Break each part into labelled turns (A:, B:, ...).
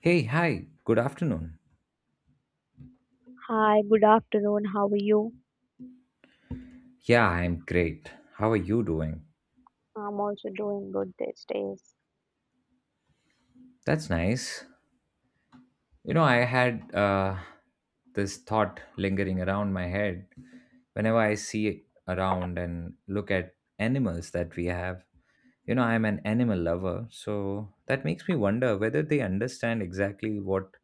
A: Hey, hi, good afternoon.
B: Hi, good afternoon. How are you?
A: Yeah, I'm great. How are you doing?
B: I'm also doing good these days.
A: That's nice. You know, I had this thought lingering around my head whenever I see around and look at animals that we have. You know, I'm an animal lover, so that makes me wonder whether they understand exactly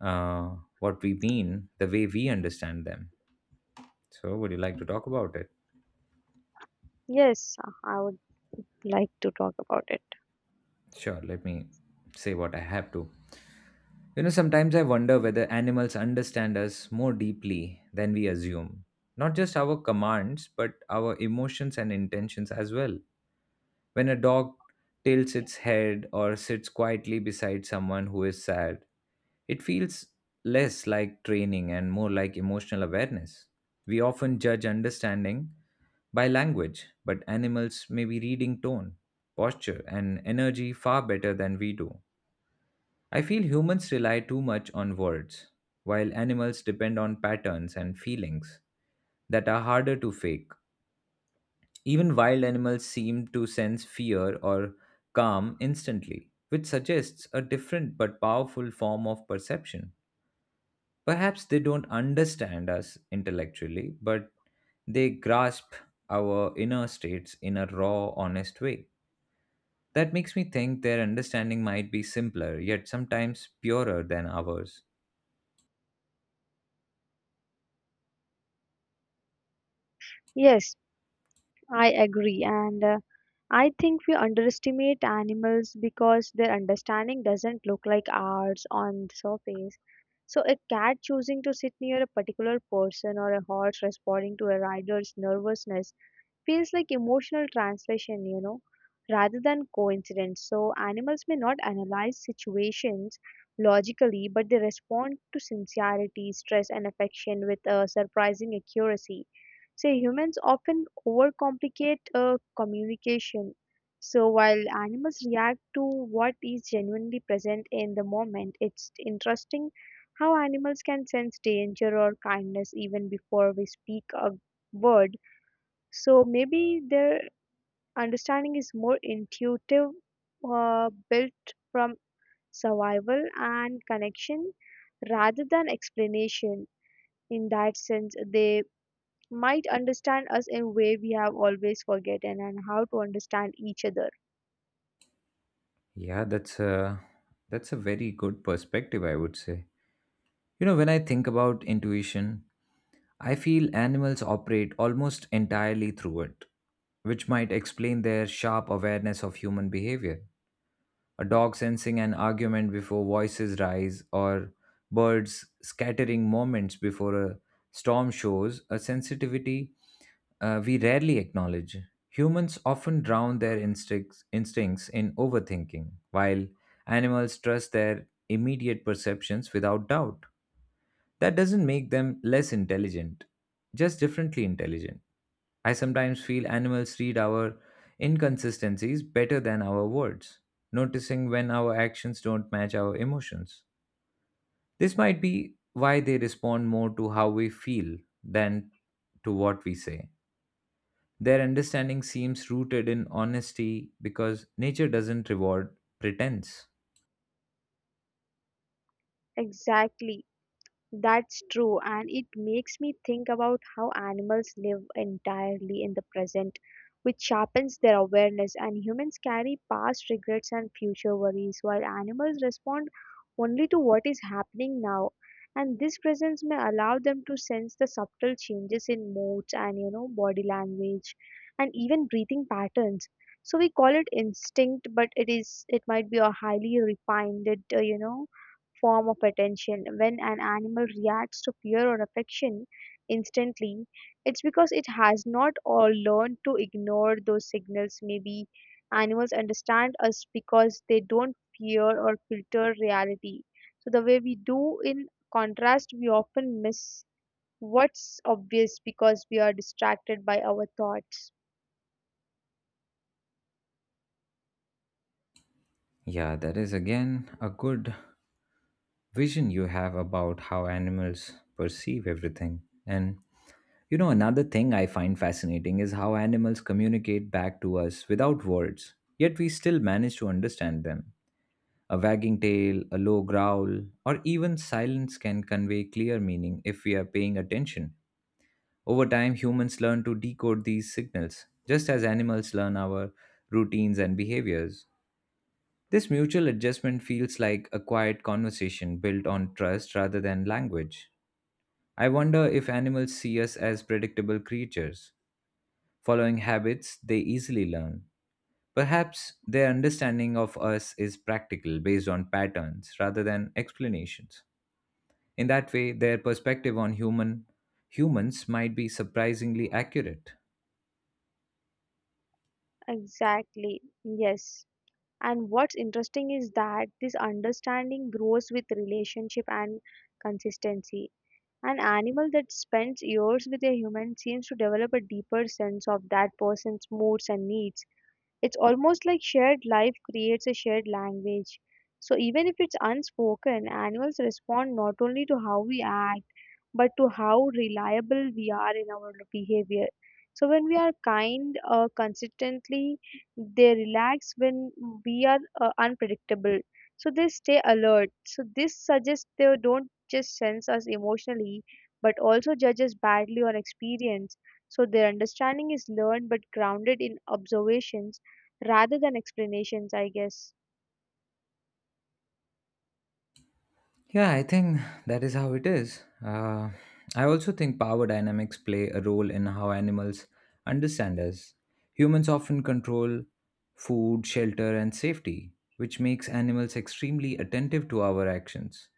A: uh, what we mean the way we understand them. So, would you like to talk about it?
B: Yes, I would like to talk about it.
A: Sure, let me say what I have to. You know, sometimes I wonder whether animals understand us more deeply than we assume. Not just our commands, but our emotions and intentions as well. When a dog tilts its head or sits quietly beside someone who is sad, it feels less like training and more like emotional awareness. We often judge understanding by language, but animals may be reading tone, posture, and energy far better than we do. I feel humans rely too much on words, while animals depend on patterns and feelings that are harder to fake. Even wild animals seem to sense fear or calm instantly, which suggests a different but powerful form of perception. Perhaps they don't understand us intellectually, but they grasp our inner states in a raw, honest way. That makes me think their understanding might be simpler, yet sometimes purer than ours.
B: Yes, I agree. And I think we underestimate animals because their understanding doesn't look like ours on the surface. So, a cat choosing to sit near a particular person or a horse responding to a rider's nervousness feels like emotional translation, you know, rather than coincidence. So animals may not analyze situations logically, but they respond to sincerity, stress, and affection with surprising accuracy. So humans often overcomplicate communication. So while animals react to what is genuinely present in the moment, it's interesting how animals can sense danger or kindness even before we speak a word, so maybe their understanding is more intuitive, built from survival and connection rather than explanation. In that sense, they might understand us in a way we have always forgotten and how to understand each other.
A: Yeah, that's a very good perspective, I would say. You know, when I think about intuition, I feel animals operate almost entirely through it, which might explain their sharp awareness of human behavior, a dog sensing an argument before voices rise, or birds scattering moments before a storm shows, a sensitivity we rarely acknowledge. Humans often drown their instincts in overthinking, while animals trust their immediate perceptions without doubt. That doesn't make them less intelligent, just differently intelligent. I sometimes feel animals read our inconsistencies better than our words, noticing when our actions don't match our emotions. This might be why they respond more to how we feel than to what we say. Their understanding seems rooted in honesty because nature doesn't reward pretense.
B: Exactly. That's true, and it makes me think about how animals live entirely in the present, which sharpens their awareness. And humans carry past regrets and future worries, while animals respond only to what is happening now. And this presence may allow them to sense the subtle changes in moods and, you know, body language, and even breathing patterns. So we call it instinct, but it might be a highly refined, uh, you know, form of attention. When an animal reacts to fear or affection instantly, it's because it has not or learned to ignore those signals. Maybe animals understand us because they don't fear or filter reality. So the way we do in contrast, we often miss what's obvious because we are distracted by our thoughts.
A: Yeah, that is again a good vision you have about how animals perceive everything. And you know, another thing I find fascinating is how animals communicate back to us without words, yet we still manage to understand them. A wagging tail, a low growl, or even silence can convey clear meaning if we are paying attention. Over time, humans learn to decode these signals, just as animals learn our routines and behaviors. This mutual adjustment feels like a quiet conversation built on trust rather than language. I wonder if animals see us as predictable creatures, following habits they easily learn. Perhaps their understanding of us is practical, based on patterns rather than explanations. In that way, their perspective on humans might be surprisingly accurate.
B: Exactly. Yes. And what's interesting is that this understanding grows with relationship and consistency. An animal that spends years with a human seems to develop a deeper sense of that person's moods and needs. It's almost like shared life creates a shared language. So even if it's unspoken, animals respond not only to how we act but to how reliable we are in our behavior. So when we are kind consistently, they relax. When we are unpredictable, so they stay alert. So this suggests they don't just sense us emotionally, but also judge us badly on experience. So their understanding is learned but grounded in observations rather than explanations, I guess.
A: Yeah, I think that is how it is. I also think power dynamics play a role in how animals understand us. Humans often control food, shelter, and safety, which makes animals extremely attentive to our actions.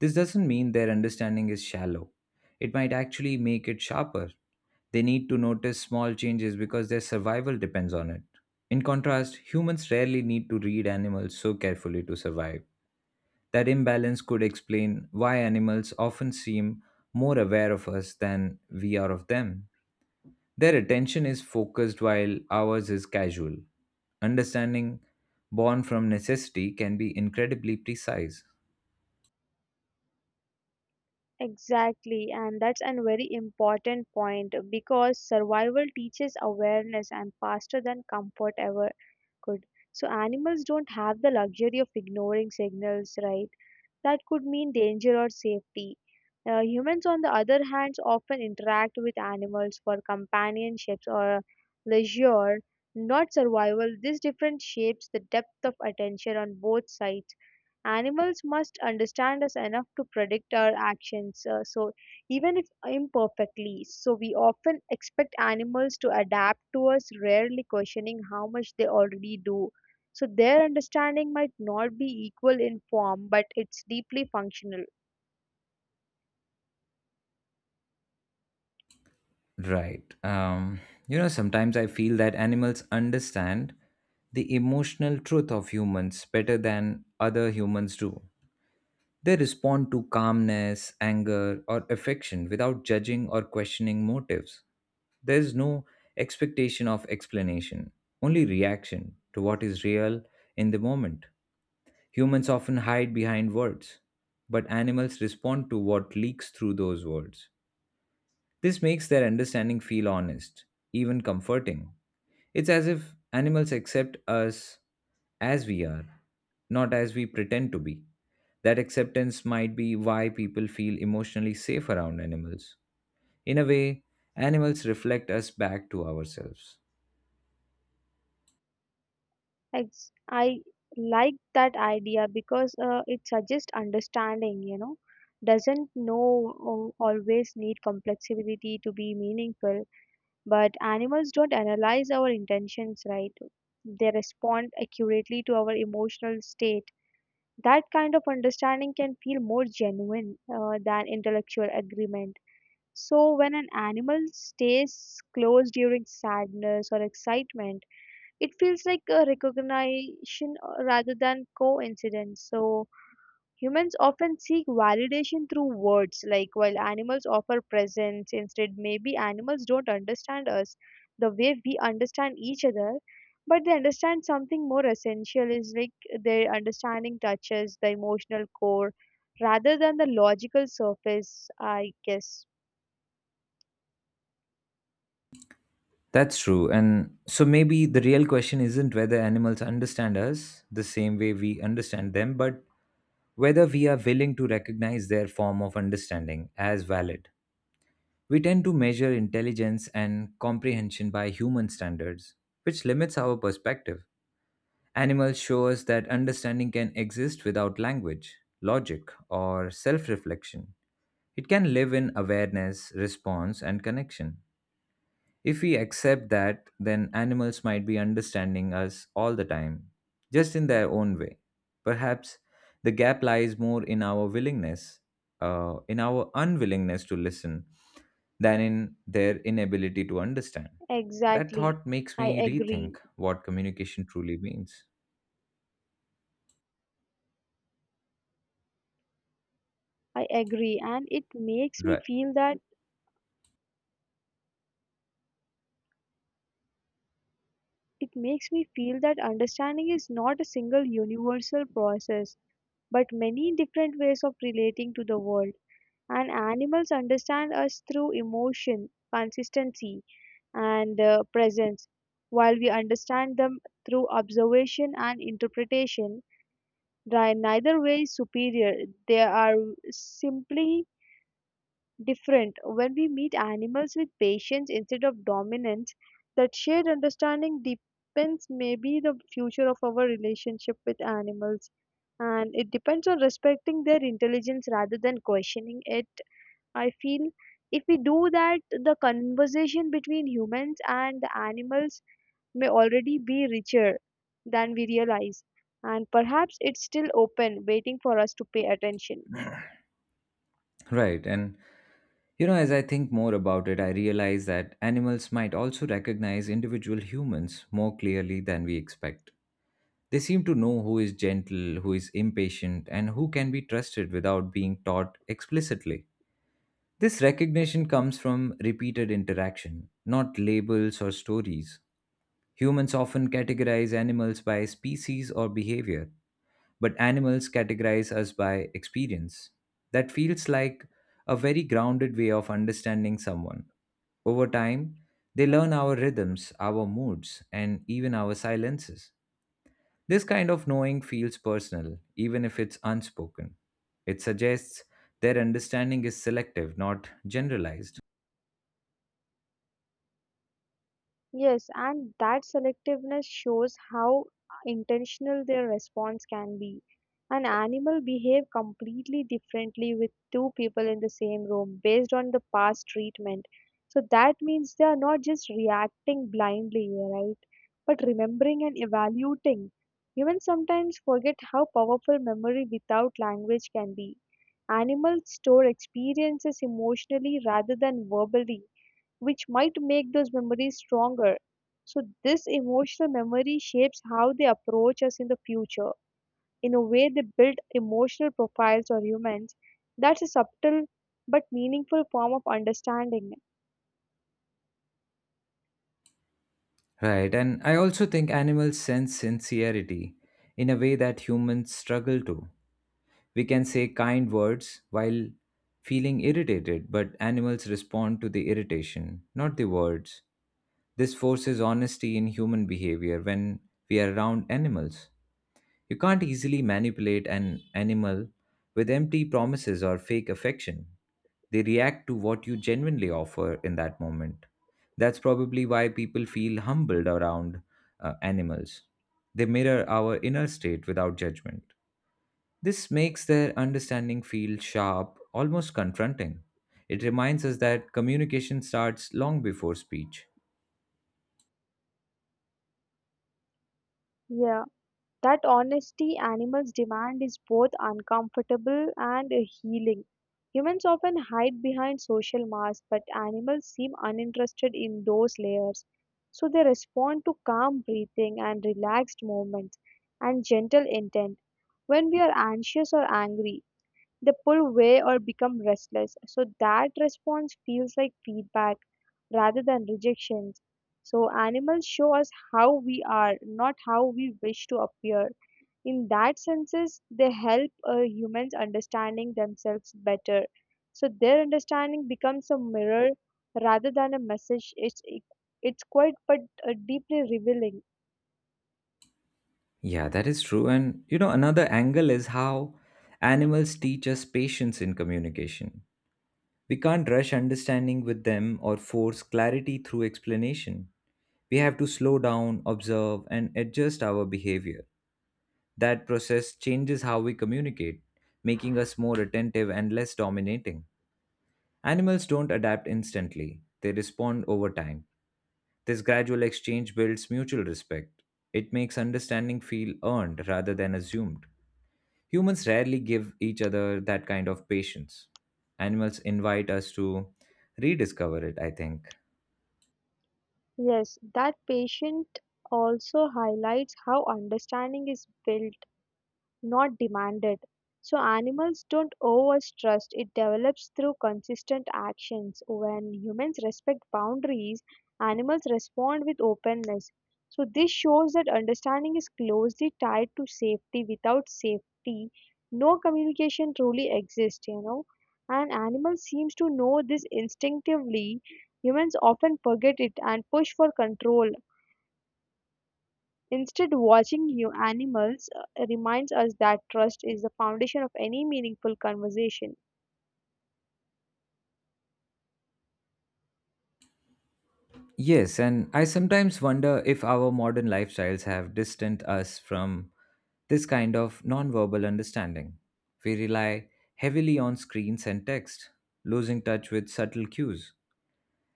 A: This doesn't mean their understanding is shallow, it might actually make it sharper. They need to notice small changes because their survival depends on it. In contrast, humans rarely need to read animals so carefully to survive. That imbalance could explain why animals often seem more aware of us than we are of them. Their attention is focused while ours is casual. Understanding born from necessity can be incredibly precise.
B: Exactly, and that's a very important point because survival teaches awareness and faster than comfort ever could. So, animals don't have the luxury of ignoring signals, right? That could mean danger or safety. Humans, on the other hand, often interact with animals for companionships or leisure, not survival. This difference shapes the depth of attention on both sides. Animals must understand us enough to predict our actions, so even if imperfectly. So we often expect animals to adapt to us, rarely questioning how much they already do. So their understanding might not be equal in form, but it's deeply functional.
A: Right. You know, sometimes I feel that animals understand the emotional truth of humans better than other humans do. They respond to calmness, anger, or affection without judging or questioning motives. There's no expectation of explanation, only reaction to what is real in the moment. Humans often hide behind words, but animals respond to what leaks through those words. This makes their understanding feel honest, even comforting. It's as if animals accept us as we are, not as we pretend to be. That acceptance might be why people feel emotionally safe around animals. In a way, animals reflect us back to ourselves.
B: I like that idea because it suggests understanding, you know, doesn't know always need complexity to be meaningful. But animals don't analyze our intentions, right? They respond accurately to our emotional state. That kind of understanding can feel more genuine than intellectual agreement. So, when an animal stays close during sadness or excitement, it feels like a recognition rather than coincidence. So, humans often seek validation through words, like while animals offer presence. Instead, maybe animals don't understand us the way we understand each other, but they understand something more essential. Is like their understanding touches the emotional core rather than the logical surface, I guess.
A: That's true. And so maybe the real question isn't whether animals understand us the same way we understand them, but whether we are willing to recognize their form of understanding as valid. We tend to measure intelligence and comprehension by human standards, which limits our perspective. Animals show us that understanding can exist without language, logic, or self reflection. It can live in awareness, response, and connection. If we accept that, then animals might be understanding us all the time, just in their own way. Perhaps the gap lies more in our unwillingness to listen, than in their inability to understand. That
B: Exactly.
A: thought makes
B: I
A: me rethink
B: agree.
A: what communication truly means.
B: And
A: Right.
B: it makes me feel that understanding is not a single universal process but many different ways of relating to the world. And animals understand us through emotion, consistency, and presence, while we understand them through observation and interpretation. They are neither way superior, they are simply different. When we meet animals with patience instead of dominance, that shared understanding depends maybe the future of our relationship with animals, and it depends on respecting their intelligence rather than questioning it. I feel if we do that, the conversation between humans and the animals may already be richer than we realize, and perhaps it's still open, waiting for us to pay attention.
A: Right. And, you know, as I think more about it, I realize that animals might also recognize individual humans more clearly than we expect. They seem to know who is gentle, who is impatient, and who can be trusted without being taught explicitly. This recognition comes from repeated interaction, not labels or stories. Humans often categorize animals by species or behavior, but animals categorize us by experience. That feels like a very grounded way of understanding someone. Over time, they learn our rhythms, our moods, and even our silences. This kind of knowing feels personal, even if it's unspoken. It suggests their understanding is selective, not generalized.
B: Yes, and that selectiveness shows how intentional their response can be. An animal behave completely differently with two people in the same room based on the past treatment. So that means they are not just reacting blindly, right? But remembering and evaluating. Humans sometimes forget how powerful memory without language can be. Animals store experiences emotionally rather than verbally, which might make those memories stronger. So, this emotional memory shapes how they approach us in the future. In a way, they build emotional profiles or humans. That's a subtle but meaningful form of understanding.
A: Right, and I also think animals sense sincerity in a way that humans struggle to. We can say kind words while feeling irritated, but animals respond to the irritation, not the words. This forces honesty in human behavior when we are around animals. You can't easily manipulate an animal with empty promises or fake affection. They react to what you genuinely offer in that moment. That's probably why people feel humbled around animals. They mirror our inner state without judgment. This makes their understanding feel sharp, almost confronting. It reminds us that communication starts long before speech.
B: Yeah. That honesty animals demand is both uncomfortable and healing. Humans often hide behind social masks, but animals seem uninterested in those layers. So they respond to calm breathing and relaxed movements and gentle intent. When we are anxious or angry, they pull away or become restless. So that response feels like feedback rather than rejection. So animals show us how we are, not how we wish to appear. In that senses they help humans understanding themselves better, so their understanding becomes a mirror rather than a message. It's quite but deeply revealing.
A: Yeah, that is true. And you know, another angle is how animals teach us patience in communication. We can't rush understanding with them or force clarity through explanation. We have to slow down, observe, and adjust our behavior. That process changes how we communicate, making us more attentive and less dominating. Animals don't adapt instantly, they respond over time. This gradual exchange builds mutual respect. It makes understanding feel earned rather than assumed. Humans rarely give each other that kind of patience. Animals invite us to rediscover it, I think.
B: Yes, that patient also highlights how understanding is built, not demanded. So animals don't owe us trust. It develops through consistent actions. When humans respect boundaries, animals respond with openness. So this shows that understanding is closely tied to safety. Without safety, no communication truly exists, you know. And animals seems to know this instinctively. Humans often forget it and push for control instead, watching new animals reminds us that trust is the foundation of any meaningful conversation.
A: Yes, and I sometimes wonder if our modern lifestyles have distanced us from this kind of nonverbal understanding. We rely heavily on screens and text, losing touch with subtle cues.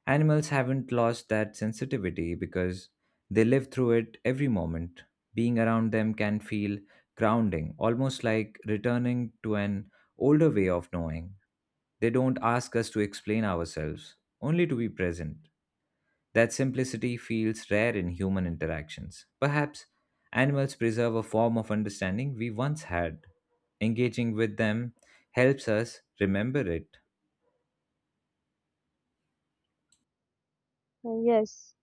A: Animals haven't lost that sensitivity because they live through it every moment. Being around them can feel grounding, almost like returning to an older way of knowing. They don't ask us to explain ourselves, only to be present. That simplicity feels rare in human interactions. Perhaps animals preserve a form of understanding we once had. Engaging with them helps us remember it.
B: Yes.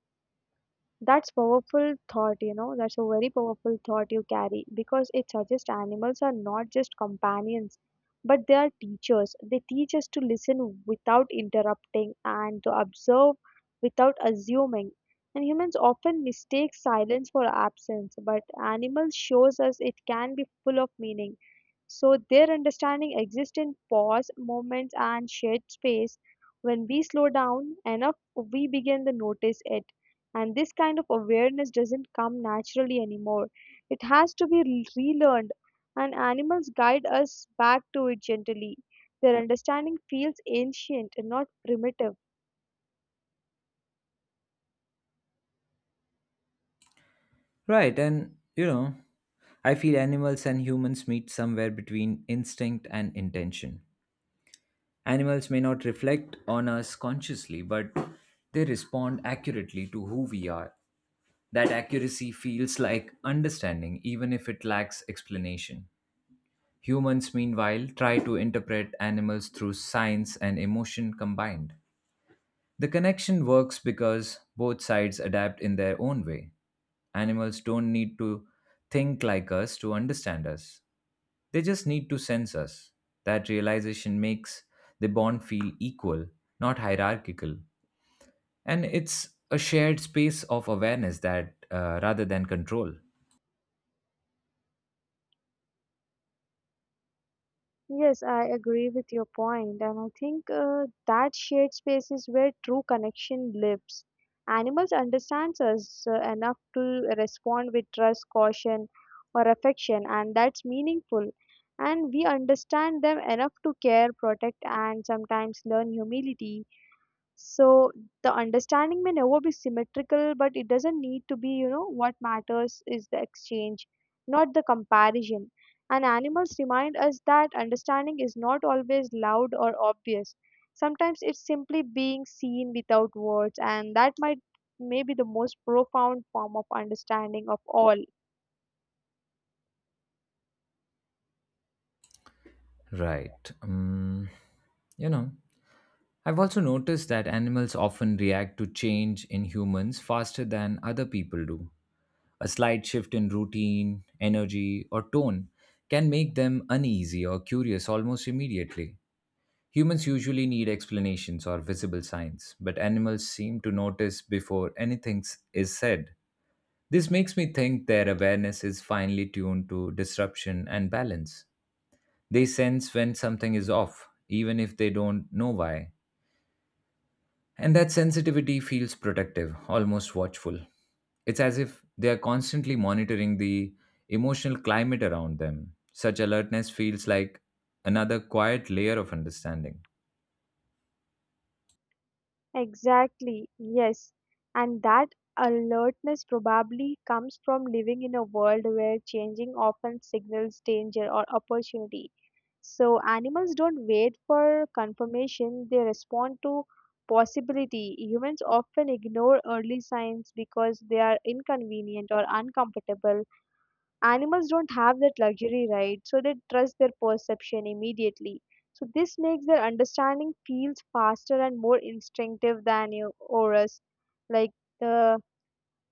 B: That's powerful thought, you know. That's a very powerful thought you carry because it suggests animals are not just companions, but they are teachers. They teach us to listen without interrupting and to observe without assuming. And humans often mistake silence for absence, but animals shows us it can be full of meaning. So their understanding exists in pause, moments and shared space. When we slow down enough, we begin to notice it, and this kind of awareness doesn't come naturally anymore. It has to be relearned, and animals guide us back to it gently. Their understanding feels ancient and not primitive.
A: Right, and you know, I feel animals and humans meet somewhere between instinct and intention. Animals may not reflect on us consciously, but they respond accurately to who we are. That accuracy feels like understanding, even if it lacks explanation. Humans, meanwhile, try to interpret animals through science and emotion combined. The connection works because both sides adapt in their own way. Animals don't need to think like us to understand us, they just need to sense us. That realization makes the bond feel equal, not hierarchical. And it's a shared space of awareness that rather than control.
B: Yes, I agree with your point, and I think that shared space is where true connection lives. Animals understand us enough to respond with trust, caution, or affection, and that's meaningful. And we understand them enough to care, protect, and sometimes learn humility. So the understanding may never be symmetrical, but it doesn't need to be, you know. What matters is the exchange, not the comparison. And animals remind us that understanding is not always loud or obvious. Sometimes it's simply being seen without words, and that might may be the most profound form of understanding of all.
A: Right. You know, I've also noticed that animals often react to change in humans faster than other people do. A slight shift in routine, energy, or tone can make them uneasy or curious almost immediately. Humans usually need explanations or visible signs, but animals seem to notice before anything is said. This makes me think their awareness is finely tuned to disruption and balance. They sense when something is off, even if they don't know why. And that sensitivity feels protective, almost watchful. It's as if they are constantly monitoring the emotional climate around them. Such alertness feels like another quiet layer of understanding.
B: Exactly, yes. And that alertness probably comes from living in a world where changing often signals danger or opportunity. So animals don't wait for confirmation, they respond to possibility. Humans often ignore early signs because they are inconvenient or uncomfortable. Animals don't have that luxury, right? So they trust their perception immediately, so this makes their understanding feels faster and more instinctive than you or like. uh,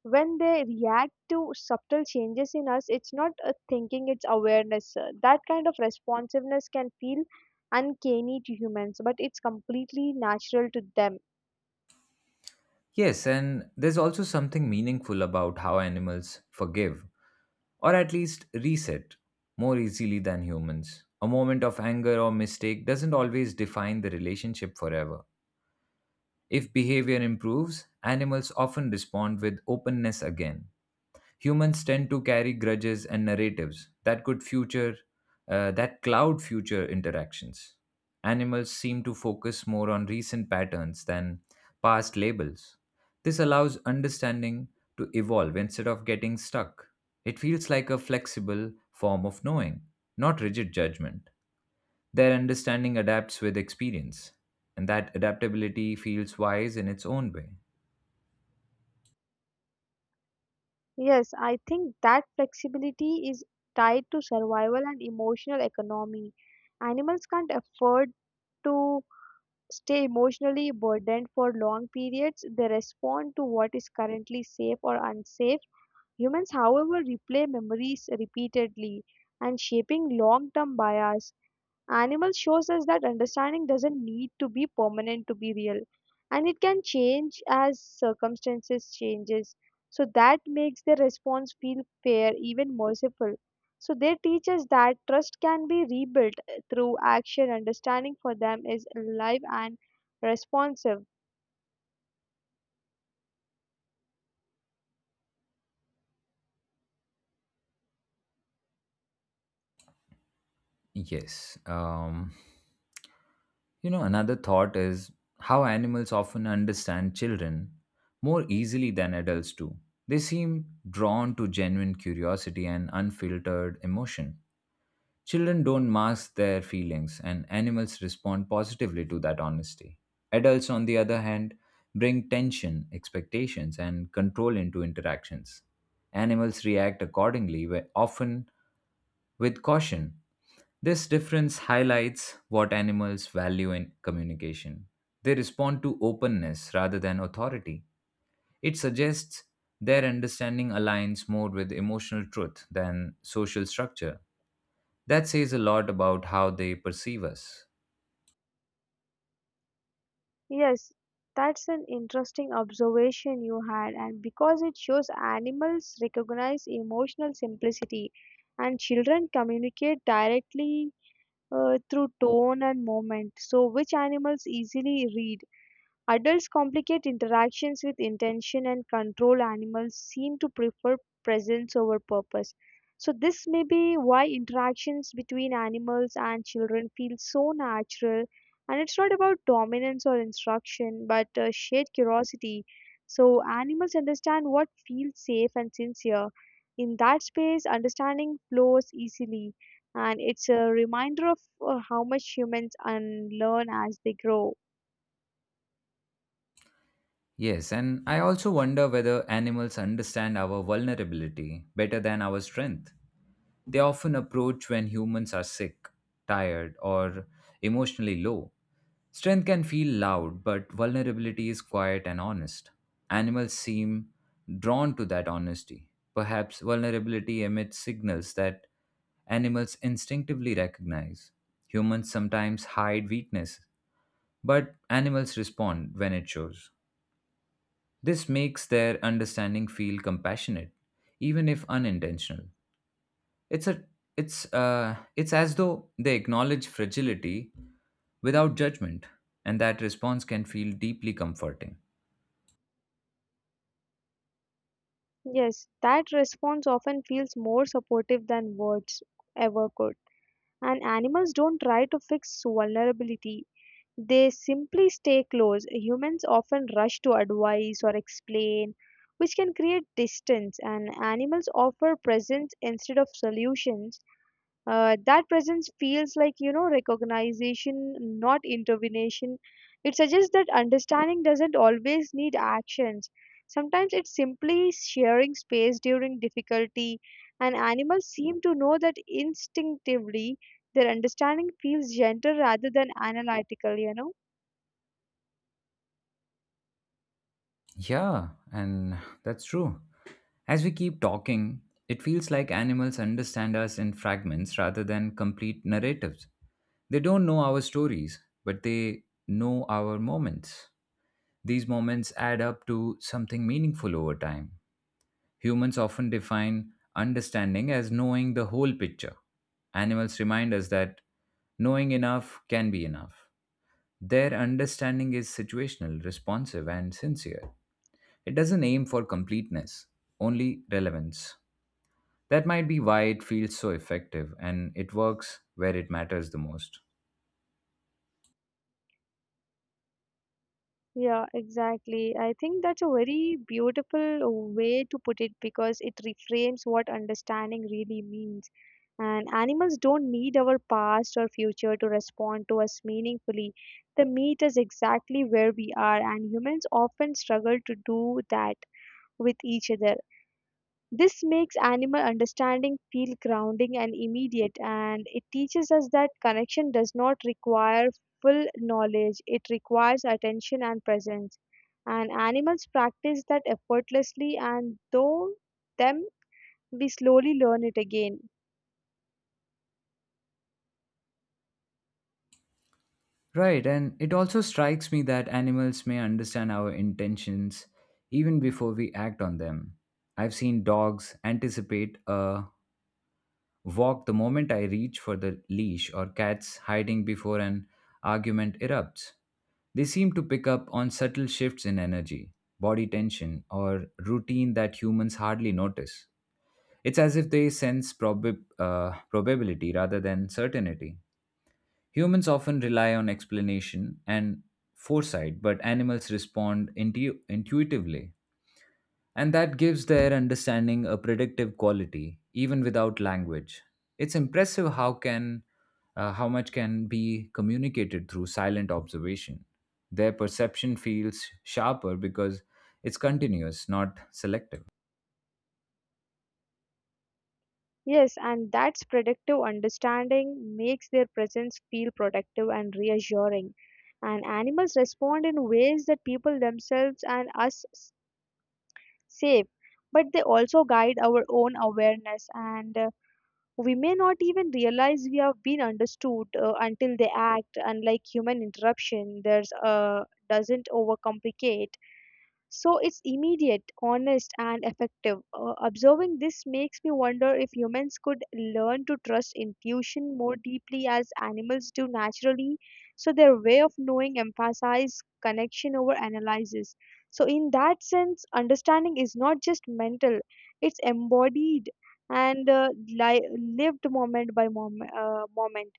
B: when they react to subtle changes in us, it's not a thinking, it's awareness. That kind of responsiveness can feel uncanny to humans, but it's completely natural to them.
A: Yes, and there's also something meaningful about how animals forgive, or at least reset, more easily than humans. A moment of anger or mistake doesn't always define the relationship forever. If behavior improves, animals often respond with openness again. Humans tend to carry grudges and narratives that could future that cloud future interactions. Animals seem to focus more on recent patterns than past labels. This allows understanding to evolve instead of getting stuck. It feels like a flexible form of knowing, not rigid judgment. Their understanding adapts with experience, and that adaptability feels wise in its own way.
B: Yes, I think that flexibility is tied to survival and emotional economy. Animals can't afford to stay emotionally burdened for long periods. They respond to what is currently safe or unsafe. Humans, however, replay memories repeatedly and shaping long term bias. Animal shows us that understanding doesn't need to be permanent to be real, and it can change as circumstances changes, so that makes the response feel fair, even merciful. So they teach us that trust can be rebuilt through action. Understanding for them is alive and responsive.
A: Yes. You know, another thought is how animals often understand children more easily than adults do. They seem drawn to genuine curiosity and unfiltered emotion. Children don't mask their feelings, and animals respond positively to that honesty. Adults, on the other hand, bring tension, expectations, and control into interactions. Animals react accordingly, often with caution. This difference highlights what animals value in communication. They respond to openness rather than authority. It suggests their understanding aligns more with emotional truth than social structure. That says a lot about how they perceive us.
B: Yes, that's an interesting observation you had, and because it shows animals recognize emotional simplicity, and children communicate directly through tone and movement. So, which animals easily read? Adults complicate interactions with intention and control. Animals seem to prefer presence over purpose. So this may be why interactions between animals and children feel so natural, and it's not about dominance or instruction but shared curiosity. So animals understand what feels safe and sincere. In that space understanding flows easily, and it's a reminder of how much humans unlearn as they grow.
A: Yes, and I also wonder whether animals understand our vulnerability better than our strength. They often approach when humans are sick, tired, or emotionally low. Strength can feel loud, but vulnerability is quiet and honest. Animals seem drawn to that honesty. Perhaps vulnerability emits signals that animals instinctively recognize. Humans sometimes hide weakness but animals respond when it shows. This makes their understanding feel compassionate, even if unintentional. It's a it's it's as though they acknowledge fragility without judgment, and that response can feel deeply comforting.
B: Yes, that response often feels more supportive than words ever could. And animals don't try to fix vulnerability, they simply stay close. Humans often rush to advise or explain, which can create distance, and animals offer presence instead of solutions. That presence feels like, you know, recognition, not intervention. It suggests that understanding doesn't always need actions. Sometimes it's simply sharing space during difficulty, and animals seem to know that instinctively. Their understanding feels gentle rather than analytical, you know.
A: Yeah, and that's true. As we keep talking, it feels like animals understand us in fragments rather than complete narratives. They don't know our stories, but they know our moments. These moments add up to something meaningful over time. Humans often define understanding as knowing the whole picture. Animals remind us that knowing enough can be enough. Their understanding is situational, responsive, and sincere. It doesn't aim for completeness, only relevance. That might be why it feels so effective and it works where it matters the most.
B: Yeah, exactly. I think that's a very beautiful way to put it because it reframes what understanding really means. And animals don't need our past or future to respond to us meaningfully. They meet us exactly where we are, and humans often struggle to do that with each other. This makes animal understanding feel grounding and immediate, and it teaches us that connection does not require full knowledge, it requires attention and presence. And animals practice that effortlessly, and though them, we slowly learn it again.
A: Right, and it also strikes me that animals may understand our intentions even before we act on them. I've seen dogs anticipate a walk the moment I reach for the leash, or cats hiding before an argument erupts. They seem to pick up on subtle shifts in energy, body tension, or routine that humans hardly notice. It's as if they sense probability rather than certainty. Humans often rely on explanation and foresight, but animals respond intuitively. And that gives their understanding a predictive quality, even without language. It's impressive how much can be communicated through silent observation. Their perception feels sharper because it's continuous, not selective.
B: Yes, and that's productive understanding makes their presence feel protective and reassuring. And animals respond in ways that people themselves and us safe, but they also guide our own awareness, and we may not even realize we have been understood until they act. Unlike human interruption, there's doesn't overcomplicate. So it's immediate, honest, and effective. Observing this makes me wonder if humans could learn to trust intuition more deeply as animals do naturally. So their way of knowing emphasizes connection over analysis. So, in that sense, understanding is not just mental, it's embodied and lived moment by moment.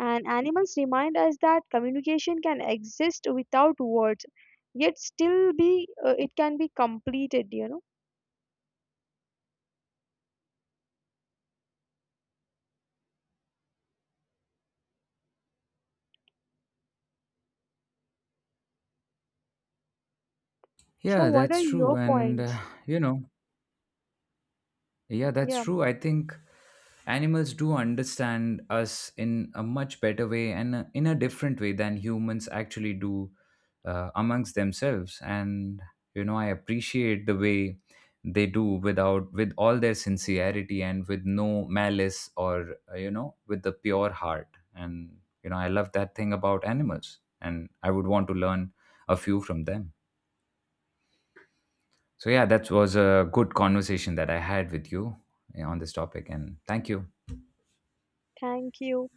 B: And animals remind us that communication can exist without words, yet still be it can be completed, you know. So
A: Yeah,
B: what are
A: that's true.
B: your
A: And,
B: points?
A: you know, yeah, that's
B: Yeah,
A: true. I think animals do understand us in a much better way and in a different way than humans actually do amongst themselves. And, you know, I appreciate the way they do without, with all their sincerity and with no malice or, you know, with the pure heart. And, you know, I love that thing about animals and I would want to learn a few from them. So, yeah, that was a good conversation that I had with you on this topic. And thank you.
B: thank you.